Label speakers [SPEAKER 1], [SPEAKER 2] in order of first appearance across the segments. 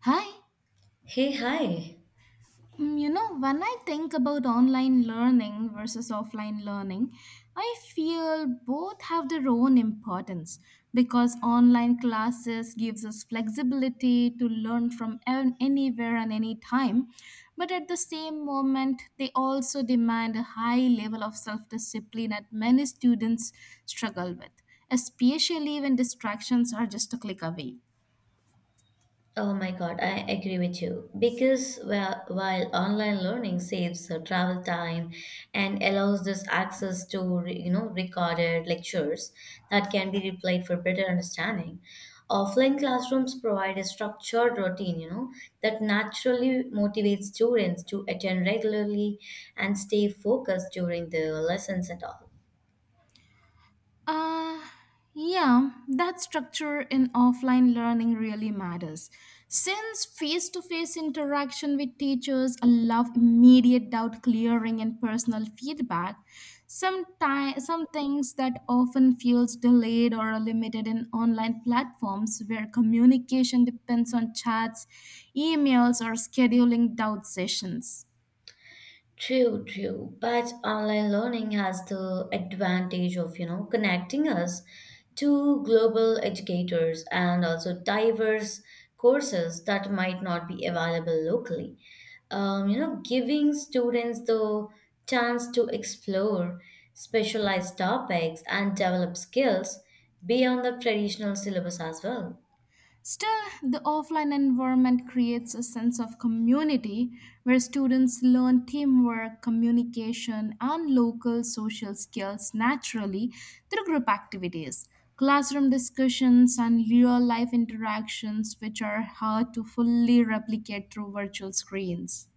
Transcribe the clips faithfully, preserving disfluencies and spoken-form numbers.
[SPEAKER 1] Hi.
[SPEAKER 2] Hey, hi.
[SPEAKER 1] Mm, You know, when I think about online learning versus offline learning, I feel both have their own importance because online classes gives us flexibility to learn from an- anywhere and any time, but at the same moment they also demand a high level of self-discipline that many students struggle with, especially when distractions are just a click away.
[SPEAKER 2] Oh my God, I agree with you. Because well, while online learning saves uh, travel time and allows this access to re- you know recorded lectures that can be replayed for better understanding, offline classrooms provide a structured routine, you know, that naturally motivates students to attend regularly and stay focused during the lessons and all.
[SPEAKER 1] Uh, yeah, that structure in offline learning really matters. Since face to face interaction with teachers allow immediate doubt clearing and personal feedback, some, ti- some things that often feels delayed or are limited in online platforms where communication depends on chats, emails, or scheduling doubt sessions.
[SPEAKER 2] True, true. But online learning has the advantage of, you know, connecting us to global educators and also diverse courses that might not be available locally. Um, you know, giving students the chance to explore specialized topics and develop skills beyond the traditional syllabus as well.
[SPEAKER 1] Still, the offline environment creates a sense of community where students learn teamwork, communication, and local social skills naturally through group activities, classroom discussions, and real life interactions, which are hard to fully replicate through virtual screens.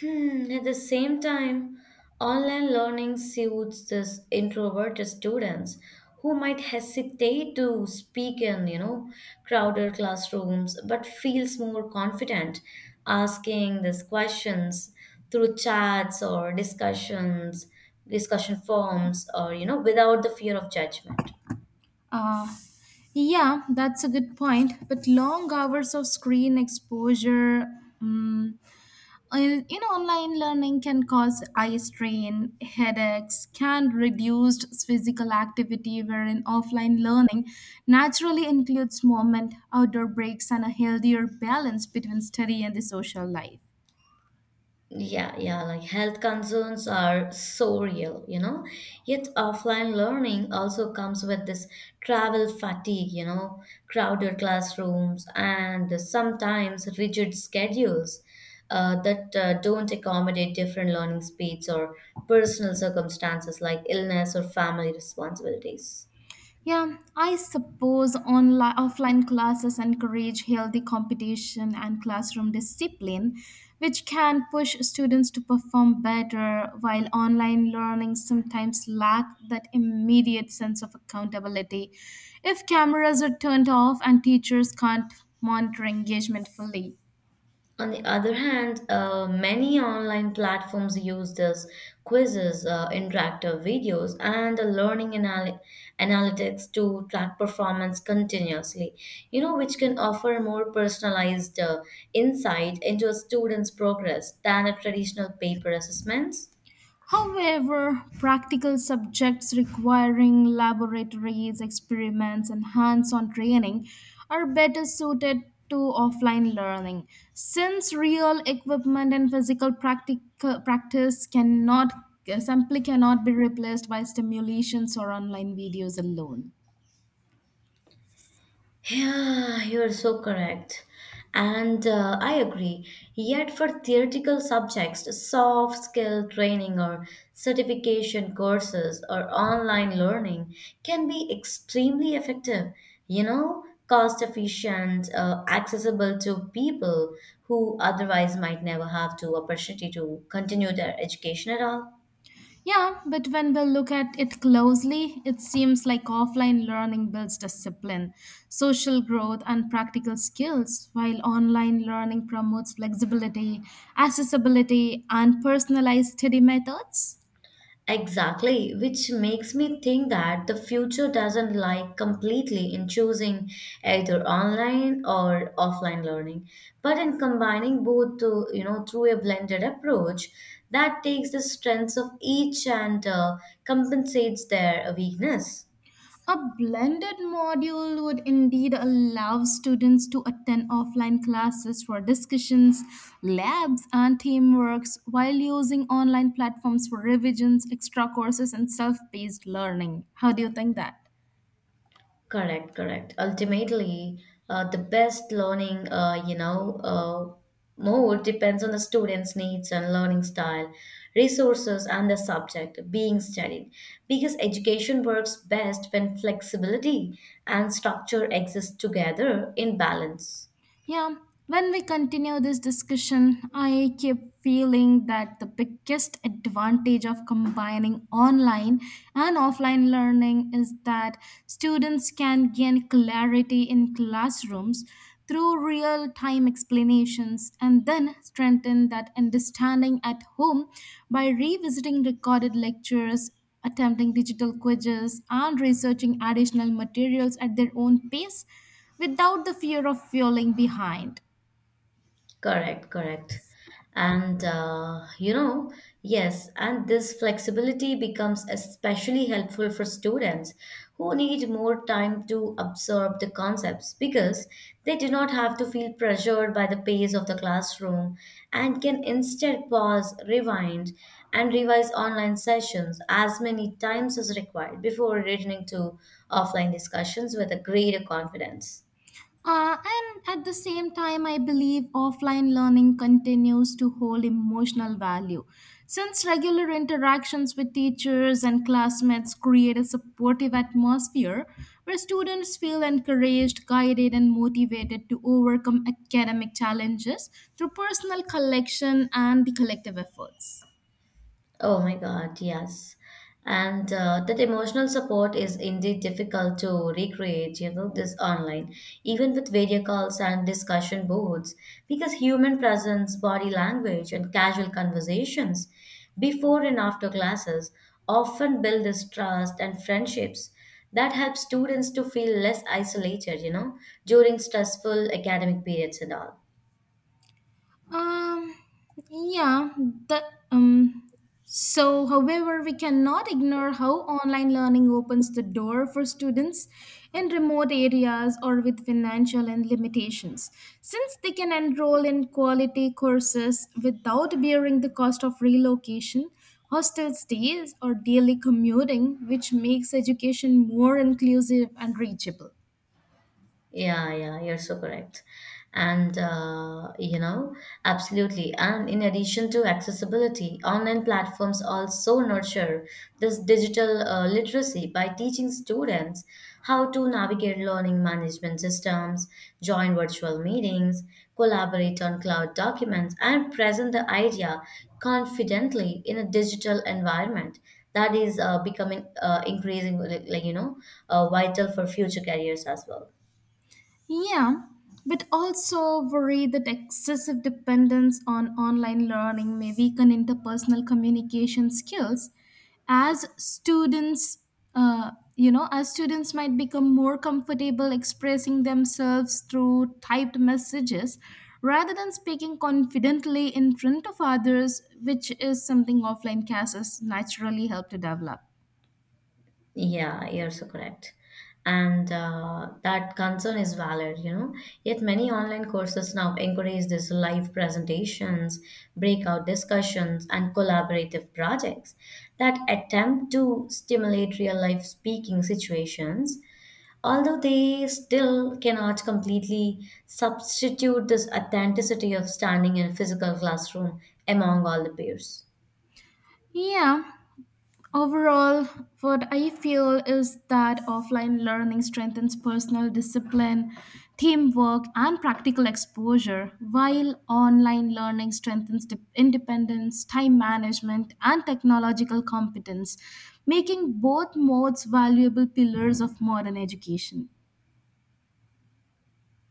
[SPEAKER 2] Hmm, at the same time, online learning suits this introverted students who might hesitate to speak in, you know, crowded classrooms, but feels more confident asking these questions through chats or discussions, discussion forums, or you know, without the fear of judgment.
[SPEAKER 1] Yeah, that's a good point. But long hours of screen exposure, mm Uh, you know, online learning can cause eye strain, headaches, can reduced physical activity, wherein offline learning naturally includes movement, outdoor breaks, and a healthier balance between study and the social life.
[SPEAKER 2] Yeah, yeah, like health concerns are so real, you know. Yet offline learning also comes with this travel fatigue, you know, crowded classrooms and sometimes rigid schedules uh, that uh, don't accommodate different learning speeds or personal circumstances like illness or family responsibilities.
[SPEAKER 1] Yeah, I suppose online offline classes encourage healthy competition and classroom discipline, which can push students to perform better, while online learning sometimes lack that immediate sense of accountability. If cameras are turned off and teachers can't monitor engagement fully.
[SPEAKER 2] On the other hand, uh, many online platforms use this quizzes, uh, interactive videos, and the learning anal- analytics to track performance continuously, you know, which can offer more personalized uh, insight into a student's progress than a traditional paper assessments.
[SPEAKER 1] However, practical subjects requiring laboratories, experiments, and hands on training are better suited to offline learning since real equipment and physical practic- practice cannot simply cannot be replaced by stimulations or online videos alone.
[SPEAKER 2] Yeah, you're so correct. And uh, I agree. Yet, for theoretical subjects, soft skill training or certification courses or online learning can be extremely effective, you know, cost efficient, uh, accessible to people who otherwise might never have the opportunity to continue their education at all.
[SPEAKER 1] Yeah, but when we look at it closely, it seems like offline learning builds discipline, social growth, and practical skills, while online learning promotes flexibility, accessibility, and personalized study methods.
[SPEAKER 2] Exactly, which makes me think that the future doesn't lie completely in choosing either online or offline learning, but in combining both to, you know, through a blended approach that takes the strengths of each and uh, compensates their weakness.
[SPEAKER 1] A blended module would indeed allow students to attend offline classes for discussions, labs, and teamworks while using online platforms for revisions, extra courses, and self paced learning. How do you think that?
[SPEAKER 2] Correct, correct. Ultimately, uh, the best learning, uh, you know, uh, mode depends on the student's needs and learning style, resources, and the subject being studied. Because education works best when flexibility and structure exist together in balance.
[SPEAKER 1] Yeah, when we continue this discussion, I keep feeling that the biggest advantage of combining online and offline learning is that students can gain clarity in classrooms through real time explanations and then strengthen that understanding at home by revisiting recorded lectures. Attempting digital quizzes and researching additional materials at their own pace without the fear of falling behind.
[SPEAKER 2] Correct, correct. And uh, you know, yes, and this flexibility becomes especially helpful for students who need more time to absorb the concepts because they do not have to feel pressured by the pace of the classroom and can instead pause, rewind, and revise online sessions as many times as required before returning to offline discussions with a greater confidence.
[SPEAKER 1] Uh, and at the same time, I believe offline learning continues to hold emotional value since regular interactions with teachers and classmates create a supportive atmosphere where students feel encouraged, guided, and motivated to overcome academic challenges through personal collection and the collective efforts.
[SPEAKER 2] Oh my God, yes. And uh, that emotional support is indeed difficult to recreate, you know, this online, even with video calls and discussion boards, because human presence, body language, and casual conversations before and after classes often build this trust and friendships that help students to feel less isolated, you know, during stressful academic periods and all.
[SPEAKER 1] Um, yeah, the um so however we cannot ignore how online learning opens the door for students in remote areas or with financial and limitations since they can enroll in quality courses without bearing the cost of relocation hostel stays or daily commuting which makes education more inclusive and reachable.
[SPEAKER 2] Yeah, yeah, you're so correct. And, uh, you know, absolutely. And in addition to accessibility, online platforms also nurture this digital uh, literacy by teaching students how to navigate learning management systems, join virtual meetings, collaborate on cloud documents, and present the idea confidently in a digital environment. That is uh, becoming uh, increasingly, like, you know, uh, vital for future careers as well.
[SPEAKER 1] Yeah, but also worry that excessive dependence on online learning may weaken interpersonal communication skills as students uh, you know as students might become more comfortable expressing themselves through typed messages rather than speaking confidently in front of others which is something offline classes naturally help to develop.
[SPEAKER 2] Yeah, you're so correct. And uh, that concern is valid, you know. Yet many online courses now encourage this live presentations, breakout discussions, and collaborative projects that attempt to stimulate real life speaking situations, although they still cannot completely substitute this authenticity of standing in a physical classroom among all the peers.
[SPEAKER 1] Yeah. Overall, what I feel is that offline learning strengthens personal discipline, teamwork, and practical exposure, while online learning strengthens de- independence, time management, and technological competence, making both modes valuable pillars of modern education.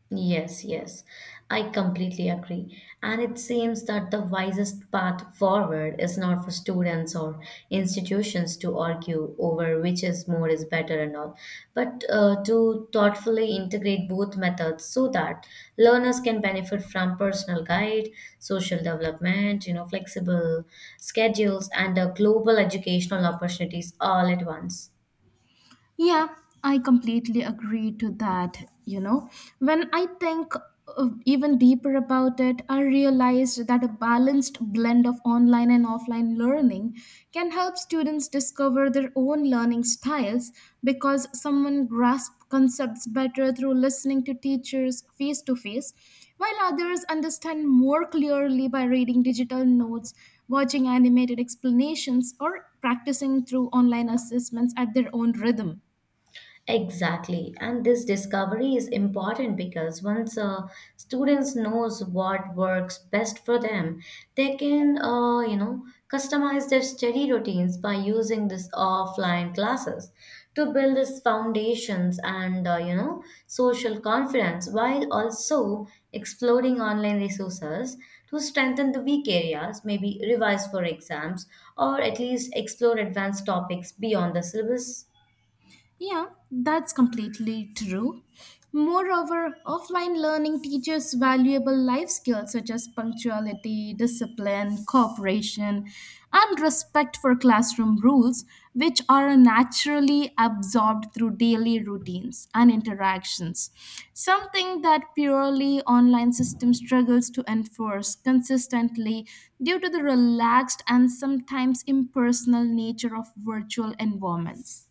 [SPEAKER 2] Yes, yes, I completely agree. And it seems that the wisest path forward is not for students or institutions to argue over which is more is better and all, but uh, to thoughtfully integrate both methods so that learners can benefit from personal guide, social development, you know, flexible schedules, and uh, global educational opportunities all at once.
[SPEAKER 1] Yeah, I completely agree to that. You know, when I think uh, even deeper about it, I realized that a balanced blend of online and offline learning can help students discover their own learning styles because someone grasps concepts better through listening to teachers face to face, while others understand more clearly by reading digital notes, watching animated explanations, or practicing through online assessments at their own rhythm.
[SPEAKER 2] Exactly, and this discovery is important because once uh, students knows what works best for them, they can uh, you know customize their study routines by using this offline classes to build these foundations and uh, you know social confidence while also exploring online resources to strengthen the weak areas, maybe revise for exams or at least explore advanced topics beyond the syllabus.
[SPEAKER 1] Yeah, that's completely true. Moreover, offline learning teaches valuable life skills such as punctuality, discipline, cooperation, and respect for classroom rules, which are naturally absorbed through daily routines and interactions. Something that purely online system struggles to enforce consistently due to the relaxed and sometimes impersonal nature of virtual environments.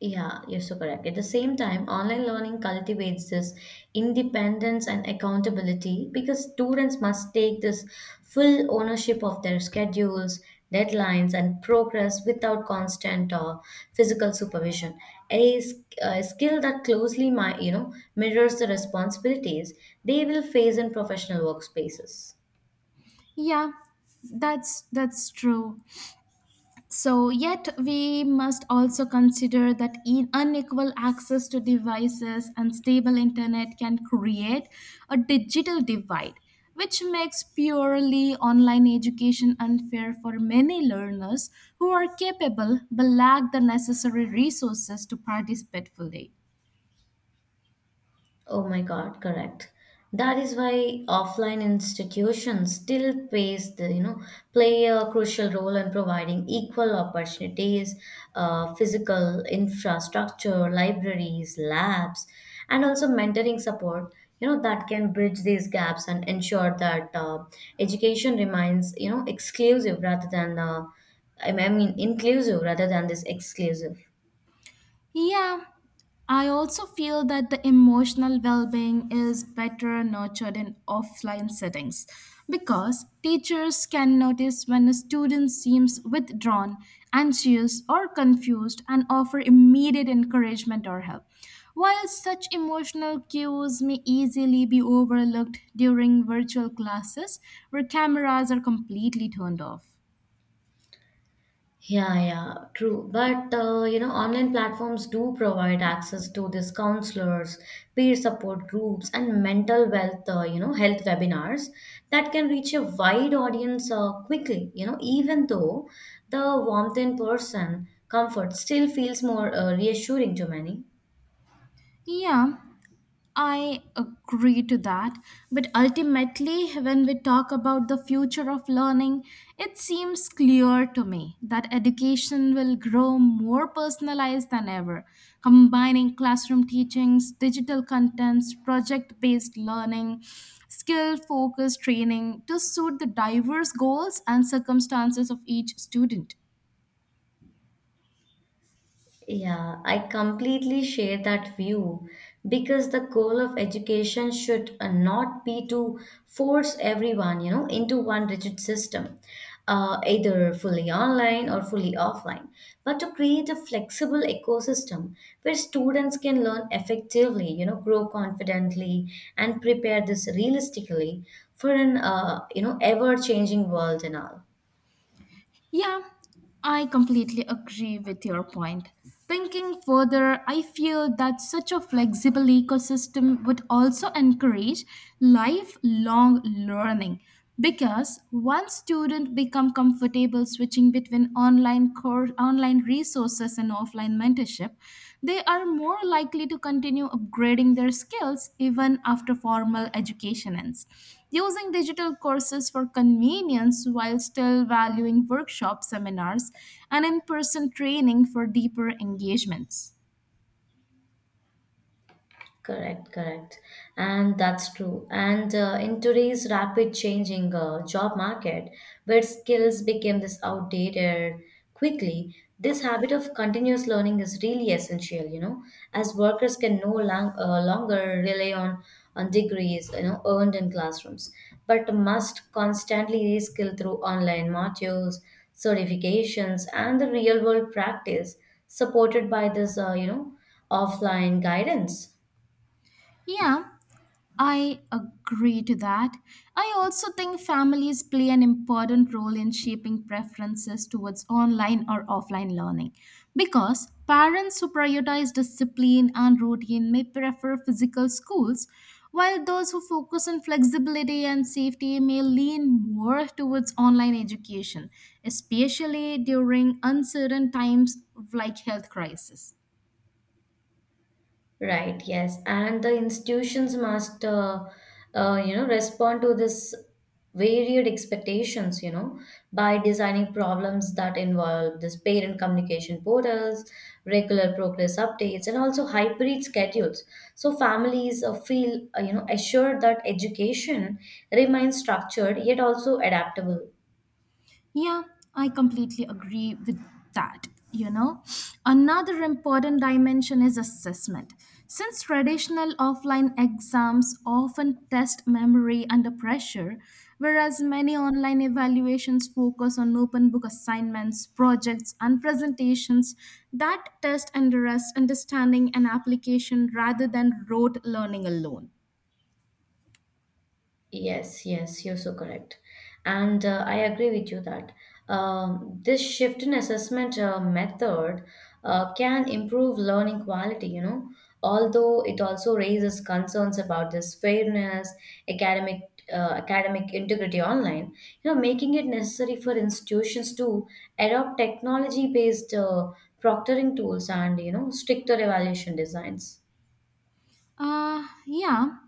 [SPEAKER 2] Yeah, you're so correct. At the same time, online learning cultivates this independence and accountability because students must take this full ownership of their schedules, deadlines, and progress without constant uh, physical supervision. A, s- a skill that closely, mi- you know, mirrors the responsibilities they will face in professional workspaces.
[SPEAKER 1] Yeah, that's that's true. So yet we must also consider that e- unequal access to devices and stable internet can create a digital divide, which makes purely online education unfair for many learners who are capable but lack the necessary resources to participate fully.
[SPEAKER 2] Oh my God, correct. That is why offline institutions still plays the you know play a crucial role in providing equal opportunities, uh, physical infrastructure, libraries, labs, and also mentoring support. You know that can bridge these gaps and ensure that uh, education remains you know exclusive rather than uh, I mean I mean inclusive rather than this exclusive.
[SPEAKER 1] Yeah, I also feel that the emotional well being is better nurtured in offline settings because teachers can notice when a student seems withdrawn, anxious, or confused and offer immediate encouragement or help. While such emotional cues may easily be overlooked during virtual classes where cameras are completely turned off.
[SPEAKER 2] Yeah, yeah, true. But uh, you know, online platforms do provide access to these counselors, peer support groups, and mental wealth, uh, you know, health webinars that can reach a wide audience uh, quickly. You know, even though the warmth in person comfort still feels more uh, reassuring to many.
[SPEAKER 1] Yeah, I agree to that. But ultimately, when we talk about the future of learning, it seems clear to me that education will grow more personalized than ever, combining classroom teachings, digital contents, project based learning, skill focused training to suit the diverse goals and circumstances of each student.
[SPEAKER 2] Yeah, I completely share that view because the goal of education should uh, not be to force everyone, you know, into one rigid system, uh, either fully online or fully offline, but to create a flexible ecosystem where students can learn effectively, you know, grow confidently and prepare this realistically for an, uh, you know, ever-changing world and all.
[SPEAKER 1] Yeah, I completely agree with your point. Thinking further, I feel that such a flexible ecosystem would also encourage lifelong learning because once students become comfortable switching between online course, online resources and offline mentorship, they are more likely to continue upgrading their skills even after formal education ends. Using digital courses for convenience while still valuing workshops, seminars, and in person training for deeper engagements.
[SPEAKER 2] Correct, correct. And that's true. And uh, in today's rapid changing uh, job market, where skills became this outdated quickly, this habit of continuous learning is really essential, you know, as workers can no long, uh, longer rely on, on degrees, you know, earned in classrooms, but must constantly reskill through online modules, certifications, and the real world practice supported by this, uh, you know, offline guidance.
[SPEAKER 1] Yeah, I agree to that. I also think families play an important role in shaping preferences towards online or offline learning because parents who prioritize discipline and routine may prefer physical schools, while those who focus on flexibility and safety may lean more towards online education, especially during uncertain times like health crisis.
[SPEAKER 2] Right, yes. And the institutions must, uh, uh, you know, respond to this varied expectations, you know, by designing problems that involve this parent communication portals, regular progress updates, and also hybrid schedules. So families uh, feel, uh, you know, assured that education remains structured yet also adaptable.
[SPEAKER 1] Yeah, I completely agree with that. You know, another important dimension is assessment. Since traditional offline exams often test memory under pressure, whereas many online evaluations focus on open book assignments, projects, and presentations that test interest, understanding, and application rather than rote learning alone.
[SPEAKER 2] Yes, yes, you're so correct. And uh, I agree with you that um, this shift in assessment uh, method uh, can improve learning quality, you know, although it also raises concerns about this fairness, academic uh, academic integrity online, you know, making it necessary for institutions to adopt technology-based uh, proctoring tools and, you know, stricter evaluation designs.
[SPEAKER 1] Uh, yeah.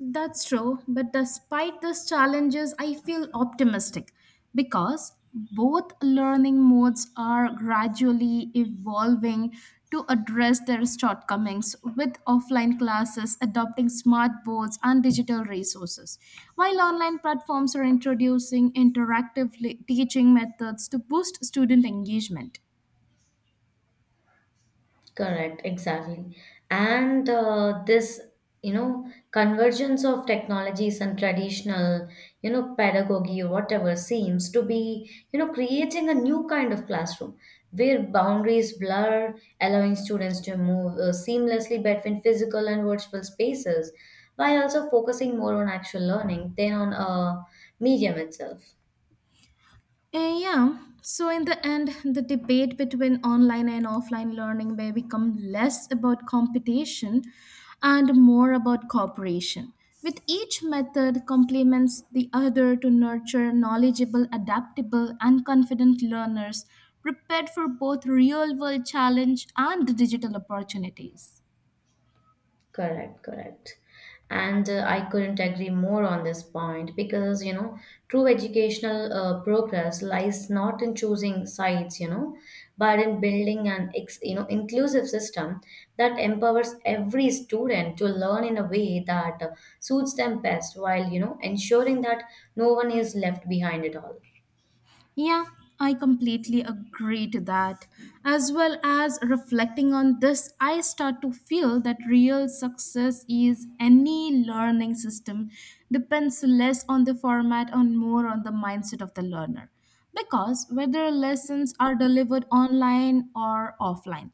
[SPEAKER 1] That's true, but despite these challenges, I feel optimistic because both learning modes are gradually evolving to address their shortcomings with offline classes adopting smart boards and digital resources while online platforms are introducing interactive le- teaching methods to boost student engagement.
[SPEAKER 2] Correct, exactly. And uh, this, you know, convergence of technologies and traditional, you know, pedagogy or whatever seems to be, you know, creating a new kind of classroom where boundaries blur, allowing students to move uh, seamlessly between physical and virtual spaces, while also focusing more on actual learning than on uh, medium itself.
[SPEAKER 1] Uh, yeah. So in the end, the debate between online and offline learning may become less about competition and more about cooperation. With each method complements the other to nurture knowledgeable, adaptable, and confident learners prepared for both real-world challenge and digital opportunities.
[SPEAKER 2] Correct, correct. And uh, I couldn't agree more on this point because, you know, true educational uh, progress lies not in choosing sides, you know, but in building an, ex- you know, inclusive system that empowers every student to learn in a way that uh, suits them best while, you know, ensuring that no one is left behind at all.
[SPEAKER 1] Yeah, I completely agree to that. As well as reflecting on this, I start to feel that real success is any learning system depends less on the format and more on the mindset of the learner. Because whether lessons are delivered online or offline,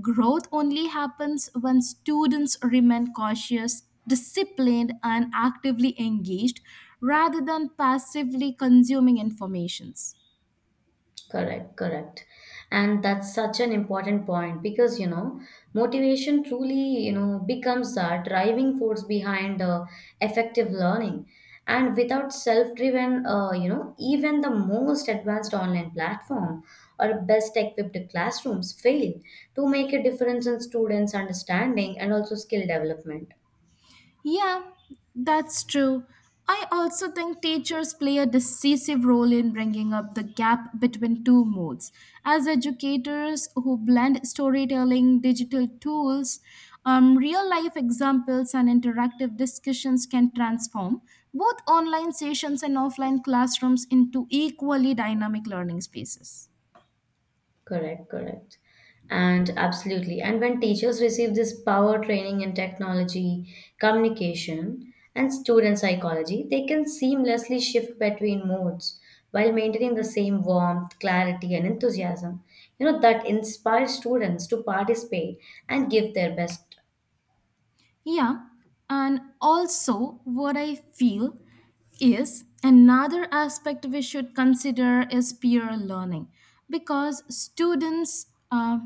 [SPEAKER 1] growth only happens when students remain cautious disciplined and actively engaged rather than passively consuming informations.
[SPEAKER 2] Correct, correct. And that's such an important point because, you know, motivation truly, you know, becomes the driving force behind uh, effective learning. And without self-driven, uh, you know, even the most advanced online platform or best equipped classrooms fail to make a difference in students' understanding and also skill development.
[SPEAKER 1] Yeah, that's true. I also think teachers play a decisive role in bringing up the gap between two modes as educators who blend storytelling digital tools, um, real life examples and interactive discussions can transform both online sessions and offline classrooms into equally dynamic learning spaces.
[SPEAKER 2] Correct, correct. And absolutely. And when teachers receive this power training in technology, communication, and student psychology, they can seamlessly shift between modes while maintaining the same warmth, clarity, and enthusiasm. You know, that inspires students to participate and give their best.
[SPEAKER 1] Yeah, and also what I feel is another aspect we should consider is peer learning because students uh,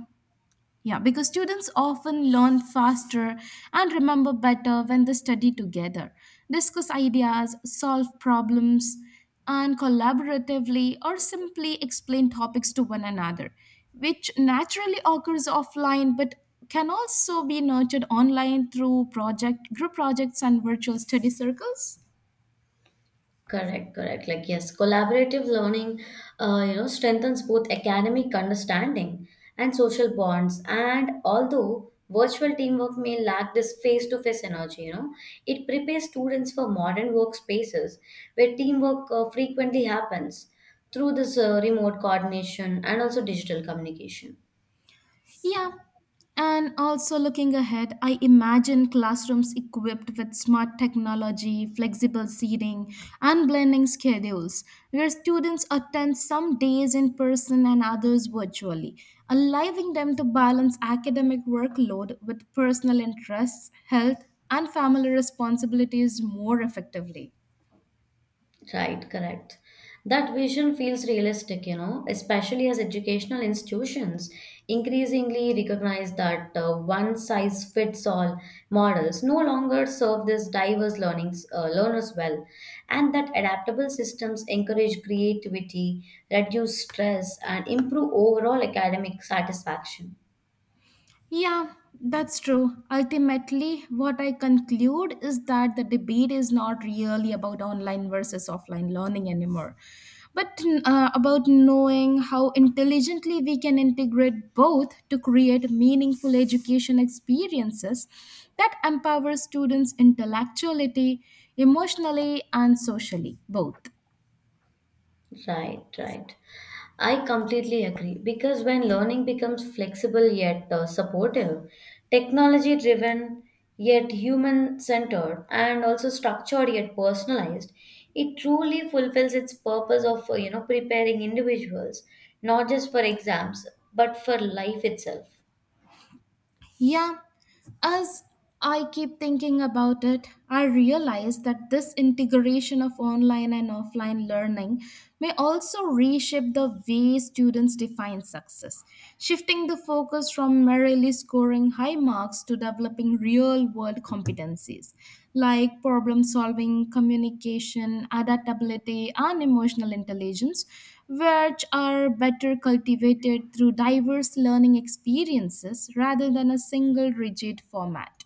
[SPEAKER 1] yeah, because students often learn faster and remember better when they study together, discuss ideas, solve problems, and collaboratively or simply explain topics to one another, which naturally occurs offline but can also be nurtured online through project group projects and virtual study circles.
[SPEAKER 2] Correct, correct. Like, yes, collaborative learning, uh, you know, strengthens both academic understanding and social bonds. And although virtual teamwork may lack this face-to-face energy, you know, it prepares students for modern workspaces where teamwork uh, frequently happens through this uh, remote coordination and also digital communication.
[SPEAKER 1] Yeah. And also looking ahead, I imagine classrooms equipped with smart technology, flexible seating, and blending schedules, where students attend some days in person and others virtually, allowing them to balance academic workload with personal interests, health, and family responsibilities more effectively.
[SPEAKER 2] Right, correct. That vision feels realistic, you know, especially as educational institutions increasingly recognize that uh, one size fits all models no longer serve this diverse learnings, uh, learners well, and that adaptable systems encourage creativity, reduce stress, and improve overall academic satisfaction.
[SPEAKER 1] Yeah, that's true. Ultimately, what I conclude is that the debate is not really about online versus offline learning anymore, but uh, about knowing how intelligently we can integrate both to create meaningful education experiences that empower students intellectually, emotionally, and socially, both.
[SPEAKER 2] Right, right. I completely agree because when learning becomes flexible yet uh, supportive, technology driven yet human centered, and also structured yet personalized, it truly fulfills its purpose of uh, you know preparing individuals not just for exams but for life itself.
[SPEAKER 1] Yeah, as I keep thinking about it, I realize that this integration of online and offline learning may also reshape the way students define success, shifting the focus from merely scoring high marks to developing real world competencies like problem solving, communication, adaptability, and emotional intelligence which are better cultivated through diverse learning experiences rather than a single rigid format.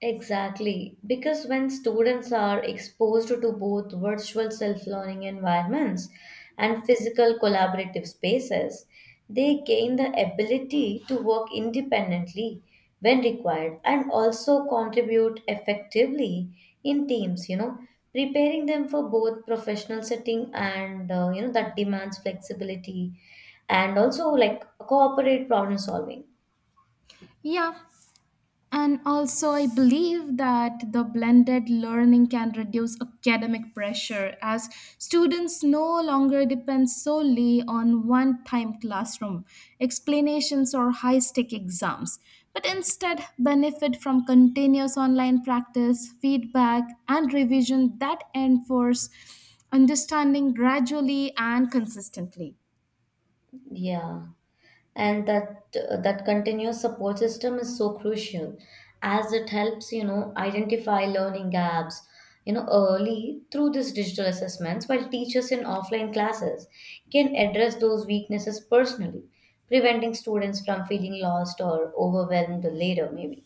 [SPEAKER 2] Exactly, because when students are exposed to both virtual self learning environments and physical collaborative spaces, they gain the ability to work independently when required and also contribute effectively in teams, you know, preparing them for both professional setting and uh, you know that demands flexibility and also like cooperate problem solving.
[SPEAKER 1] Yeah, and also, I believe that the blended learning can reduce academic pressure as students no longer depend solely on one time classroom explanations or high stake exams, but instead benefit from continuous online practice, feedback, and revision that enforce understanding gradually and consistently.
[SPEAKER 2] Yeah. and that uh, that continuous support system is so crucial as it helps you know identify learning gaps you know early through these digital assessments, while teachers in offline classes can address those weaknesses personally, preventing students from feeling lost or overwhelmed later maybe.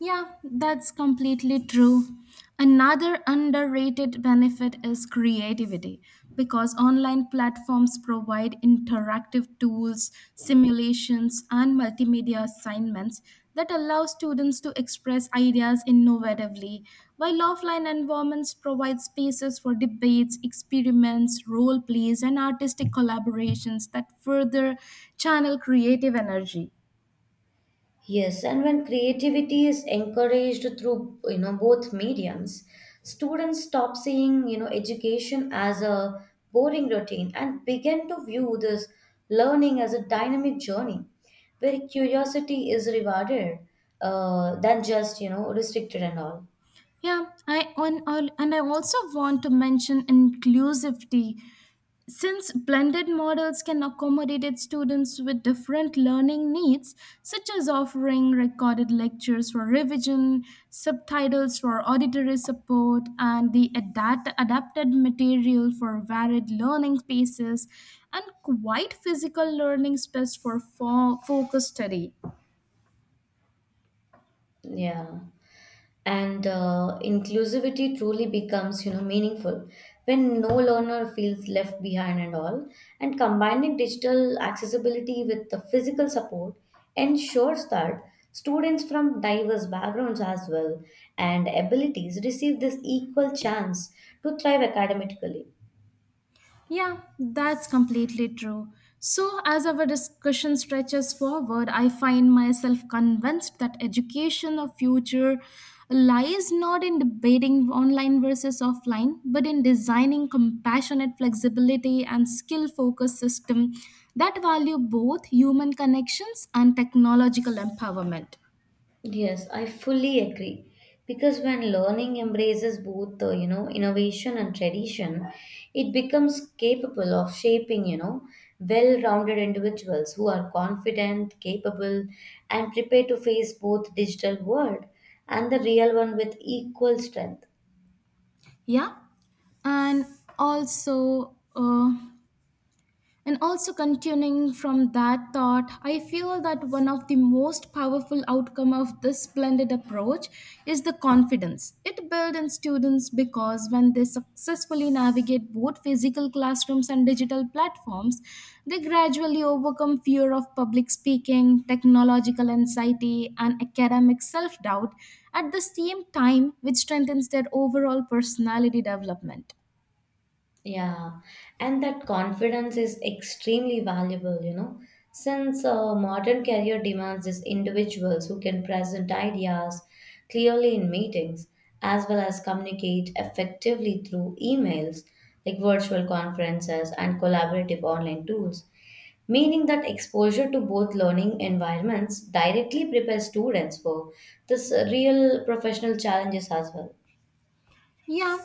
[SPEAKER 1] Yeah, that's completely true. Another underrated benefit is creativity because online platforms provide interactive tools, simulations, and multimedia assignments that allow students to express ideas innovatively, while offline environments provide spaces for debates, experiments, role plays, and artistic collaborations that further channel creative energy.
[SPEAKER 2] Yes, and when creativity is encouraged through you know both mediums, students stop seeing you know education as a boring routine and begin to view this learning as a dynamic journey where curiosity is rewarded, uh, than just you know restricted and all.
[SPEAKER 1] Yeah, I on al- and I also want to mention inclusivity. Since blended models can accommodate students with different learning needs, such as offering recorded lectures for revision, subtitles for auditory support, and the adapt- adapted material for varied learning spaces, and quite physical learning space for fo- focus study.
[SPEAKER 2] Yeah. And uh, inclusivity truly becomes, you know, meaningful when no learner feels left behind and all. And combining digital accessibility with the physical support ensures that students from diverse backgrounds as well and abilities receive this equal chance to thrive academically.
[SPEAKER 1] Yeah, that's completely true. So, as our discussion stretches forward, I find myself convinced that education of future lies not in debating online versus offline, but in designing compassionate flexibility and skill-focused system that value both human connections and technological empowerment.
[SPEAKER 2] Yes, I fully agree. Because when learning embraces both, the you know, innovation and tradition, it becomes capable of shaping, you know, well-rounded individuals who are confident, capable, and prepared to face both digital world and the real one with equal strength.
[SPEAKER 1] Yeah, and also. Uh, And also continuing from that thought, I feel that one of the most powerful outcome of this blended approach is the confidence. It builds in students because when they successfully navigate both physical classrooms and digital platforms, they gradually overcome fear of public speaking, technological anxiety, and academic self-doubt at the same time, which strengthens their overall personality development.
[SPEAKER 2] Yeah, and that confidence is extremely valuable, you know, since uh, modern career demands is individuals who can present ideas clearly in meetings as well as communicate effectively through emails, like virtual conferences and collaborative online tools, meaning that exposure to both learning environments directly prepares students for this uh, real professional challenges as well.
[SPEAKER 1] Yeah,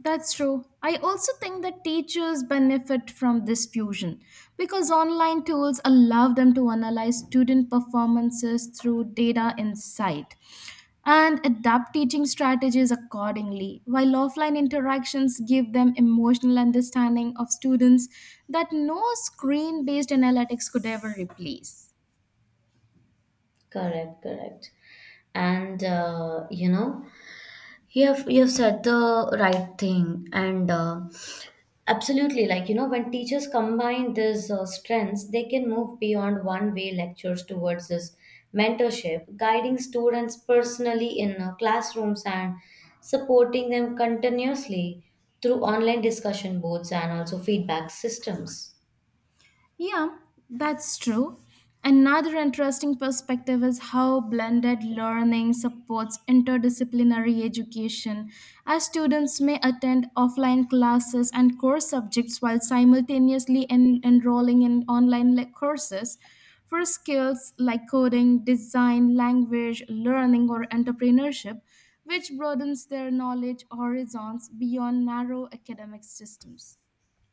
[SPEAKER 1] that's true. I also think that teachers benefit from this fusion because online tools allow them to analyze student performances through data insight and adapt teaching strategies accordingly, while offline interactions give them emotional understanding of students that no screen based analytics could ever replace.
[SPEAKER 2] Correct, correct. And uh, you know, you have you have said the right thing, and uh, absolutely, like you know, when teachers combine these uh, strengths, they can move beyond one-way lectures towards this mentorship, guiding students personally in uh, classrooms and supporting them continuously through online discussion boards and also feedback systems.
[SPEAKER 1] Yeah, that's true. Another interesting perspective is how blended learning supports interdisciplinary education, as students may attend offline classes and core subjects while simultaneously en- enrolling in online le- courses. For skills like coding, design, language, learning, or entrepreneurship, which broadens their knowledge horizons beyond narrow academic systems.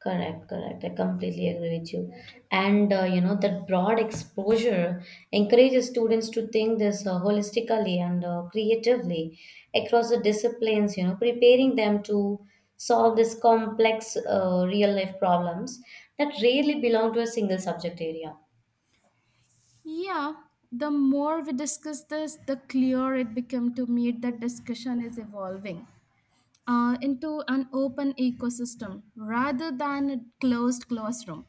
[SPEAKER 2] Correct, correct. I completely agree with you. And uh, you know that broad exposure encourages students to think this uh, holistically and uh, creatively across the disciplines. You know, preparing them to solve these complex uh, real life problems that rarely belong to a single subject area.
[SPEAKER 1] Yeah, the more we discuss this, the clearer it became to me that discussion is evolving uh, into an open ecosystem rather than a closed classroom.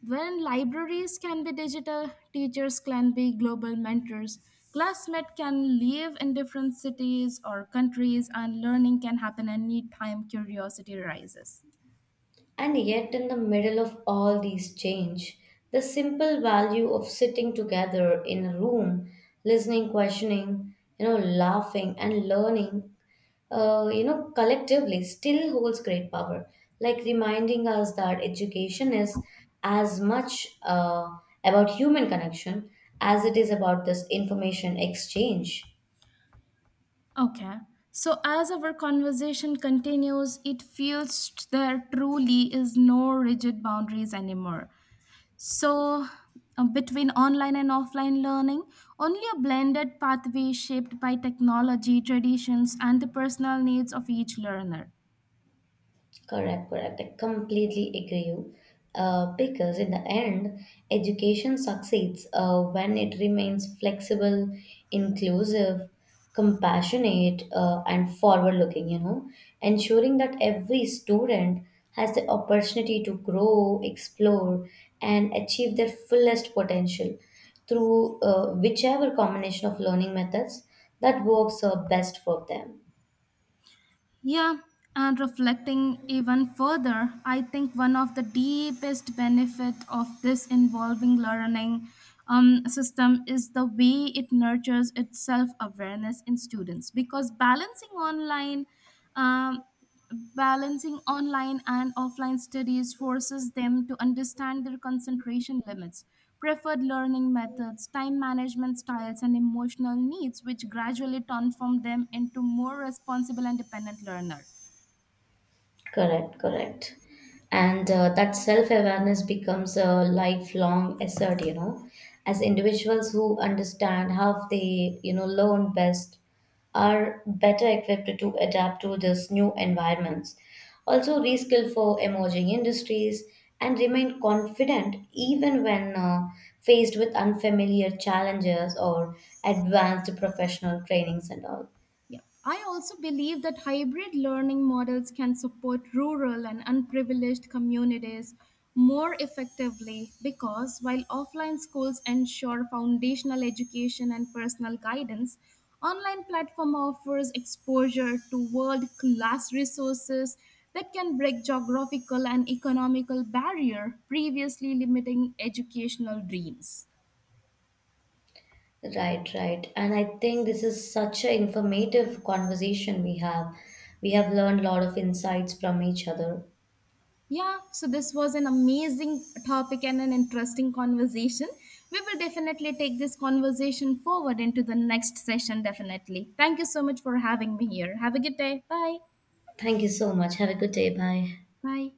[SPEAKER 1] When libraries can be digital, teachers can be global mentors, classmates can live in different cities or countries, and learning can happen anytime curiosity rises.
[SPEAKER 2] And yet, in the middle of all these change, the simple value of sitting together in a room, listening, questioning, you know, laughing and learning, uh, you know, collectively still holds great power. Like reminding us that education is as much uh, about human connection as it is about this information exchange.
[SPEAKER 1] Okay. So, as our conversation continues, it feels there truly is no rigid boundaries anymore. So, uh, between online and offline learning, only a blended pathway shaped by technology, traditions, and the personal needs of each learner.
[SPEAKER 2] Correct, correct. I completely agree you. Uh, because in the end, education succeeds uh, when it remains flexible, inclusive, compassionate, uh, and forward looking, you know, ensuring that every student has the opportunity to grow, explore, and achieve their fullest potential through uh, whichever combination of learning methods that works uh, best for them.
[SPEAKER 1] Yeah, and reflecting even further, I think one of the deepest benefit of this involving learning um, system is the way it nurtures its self awareness in students because balancing online. Um, Balancing online and offline studies forces them to understand their concentration limits, preferred learning methods, time management styles, and emotional needs, which gradually transform them into more responsible and dependent learners.
[SPEAKER 2] Correct, correct. And uh, that self awareness becomes a lifelong asset, you know, as individuals who understand how they, you know, learn best are better equipped to adapt to this new environments. Also, reskill for emerging industries and remain confident even when uh, faced with unfamiliar challenges or advanced professional trainings and all.
[SPEAKER 1] Yeah. I also believe that hybrid learning models can support rural and unprivileged communities more effectively because while offline schools ensure foundational education and personal guidance, online platform offers exposure to world-class resources that can break geographical and economical barrier previously limiting educational dreams.
[SPEAKER 2] Right, right. And I think this is such an informative conversation we have. We have learned a lot of insights from each other.
[SPEAKER 1] Yeah, so this was an amazing topic and an interesting conversation. We will definitely take this conversation forward into the next session, definitely. Thank you so much for having me here. Have a good day. Bye.
[SPEAKER 2] Thank you so much. Have a good day. Bye.
[SPEAKER 1] Bye.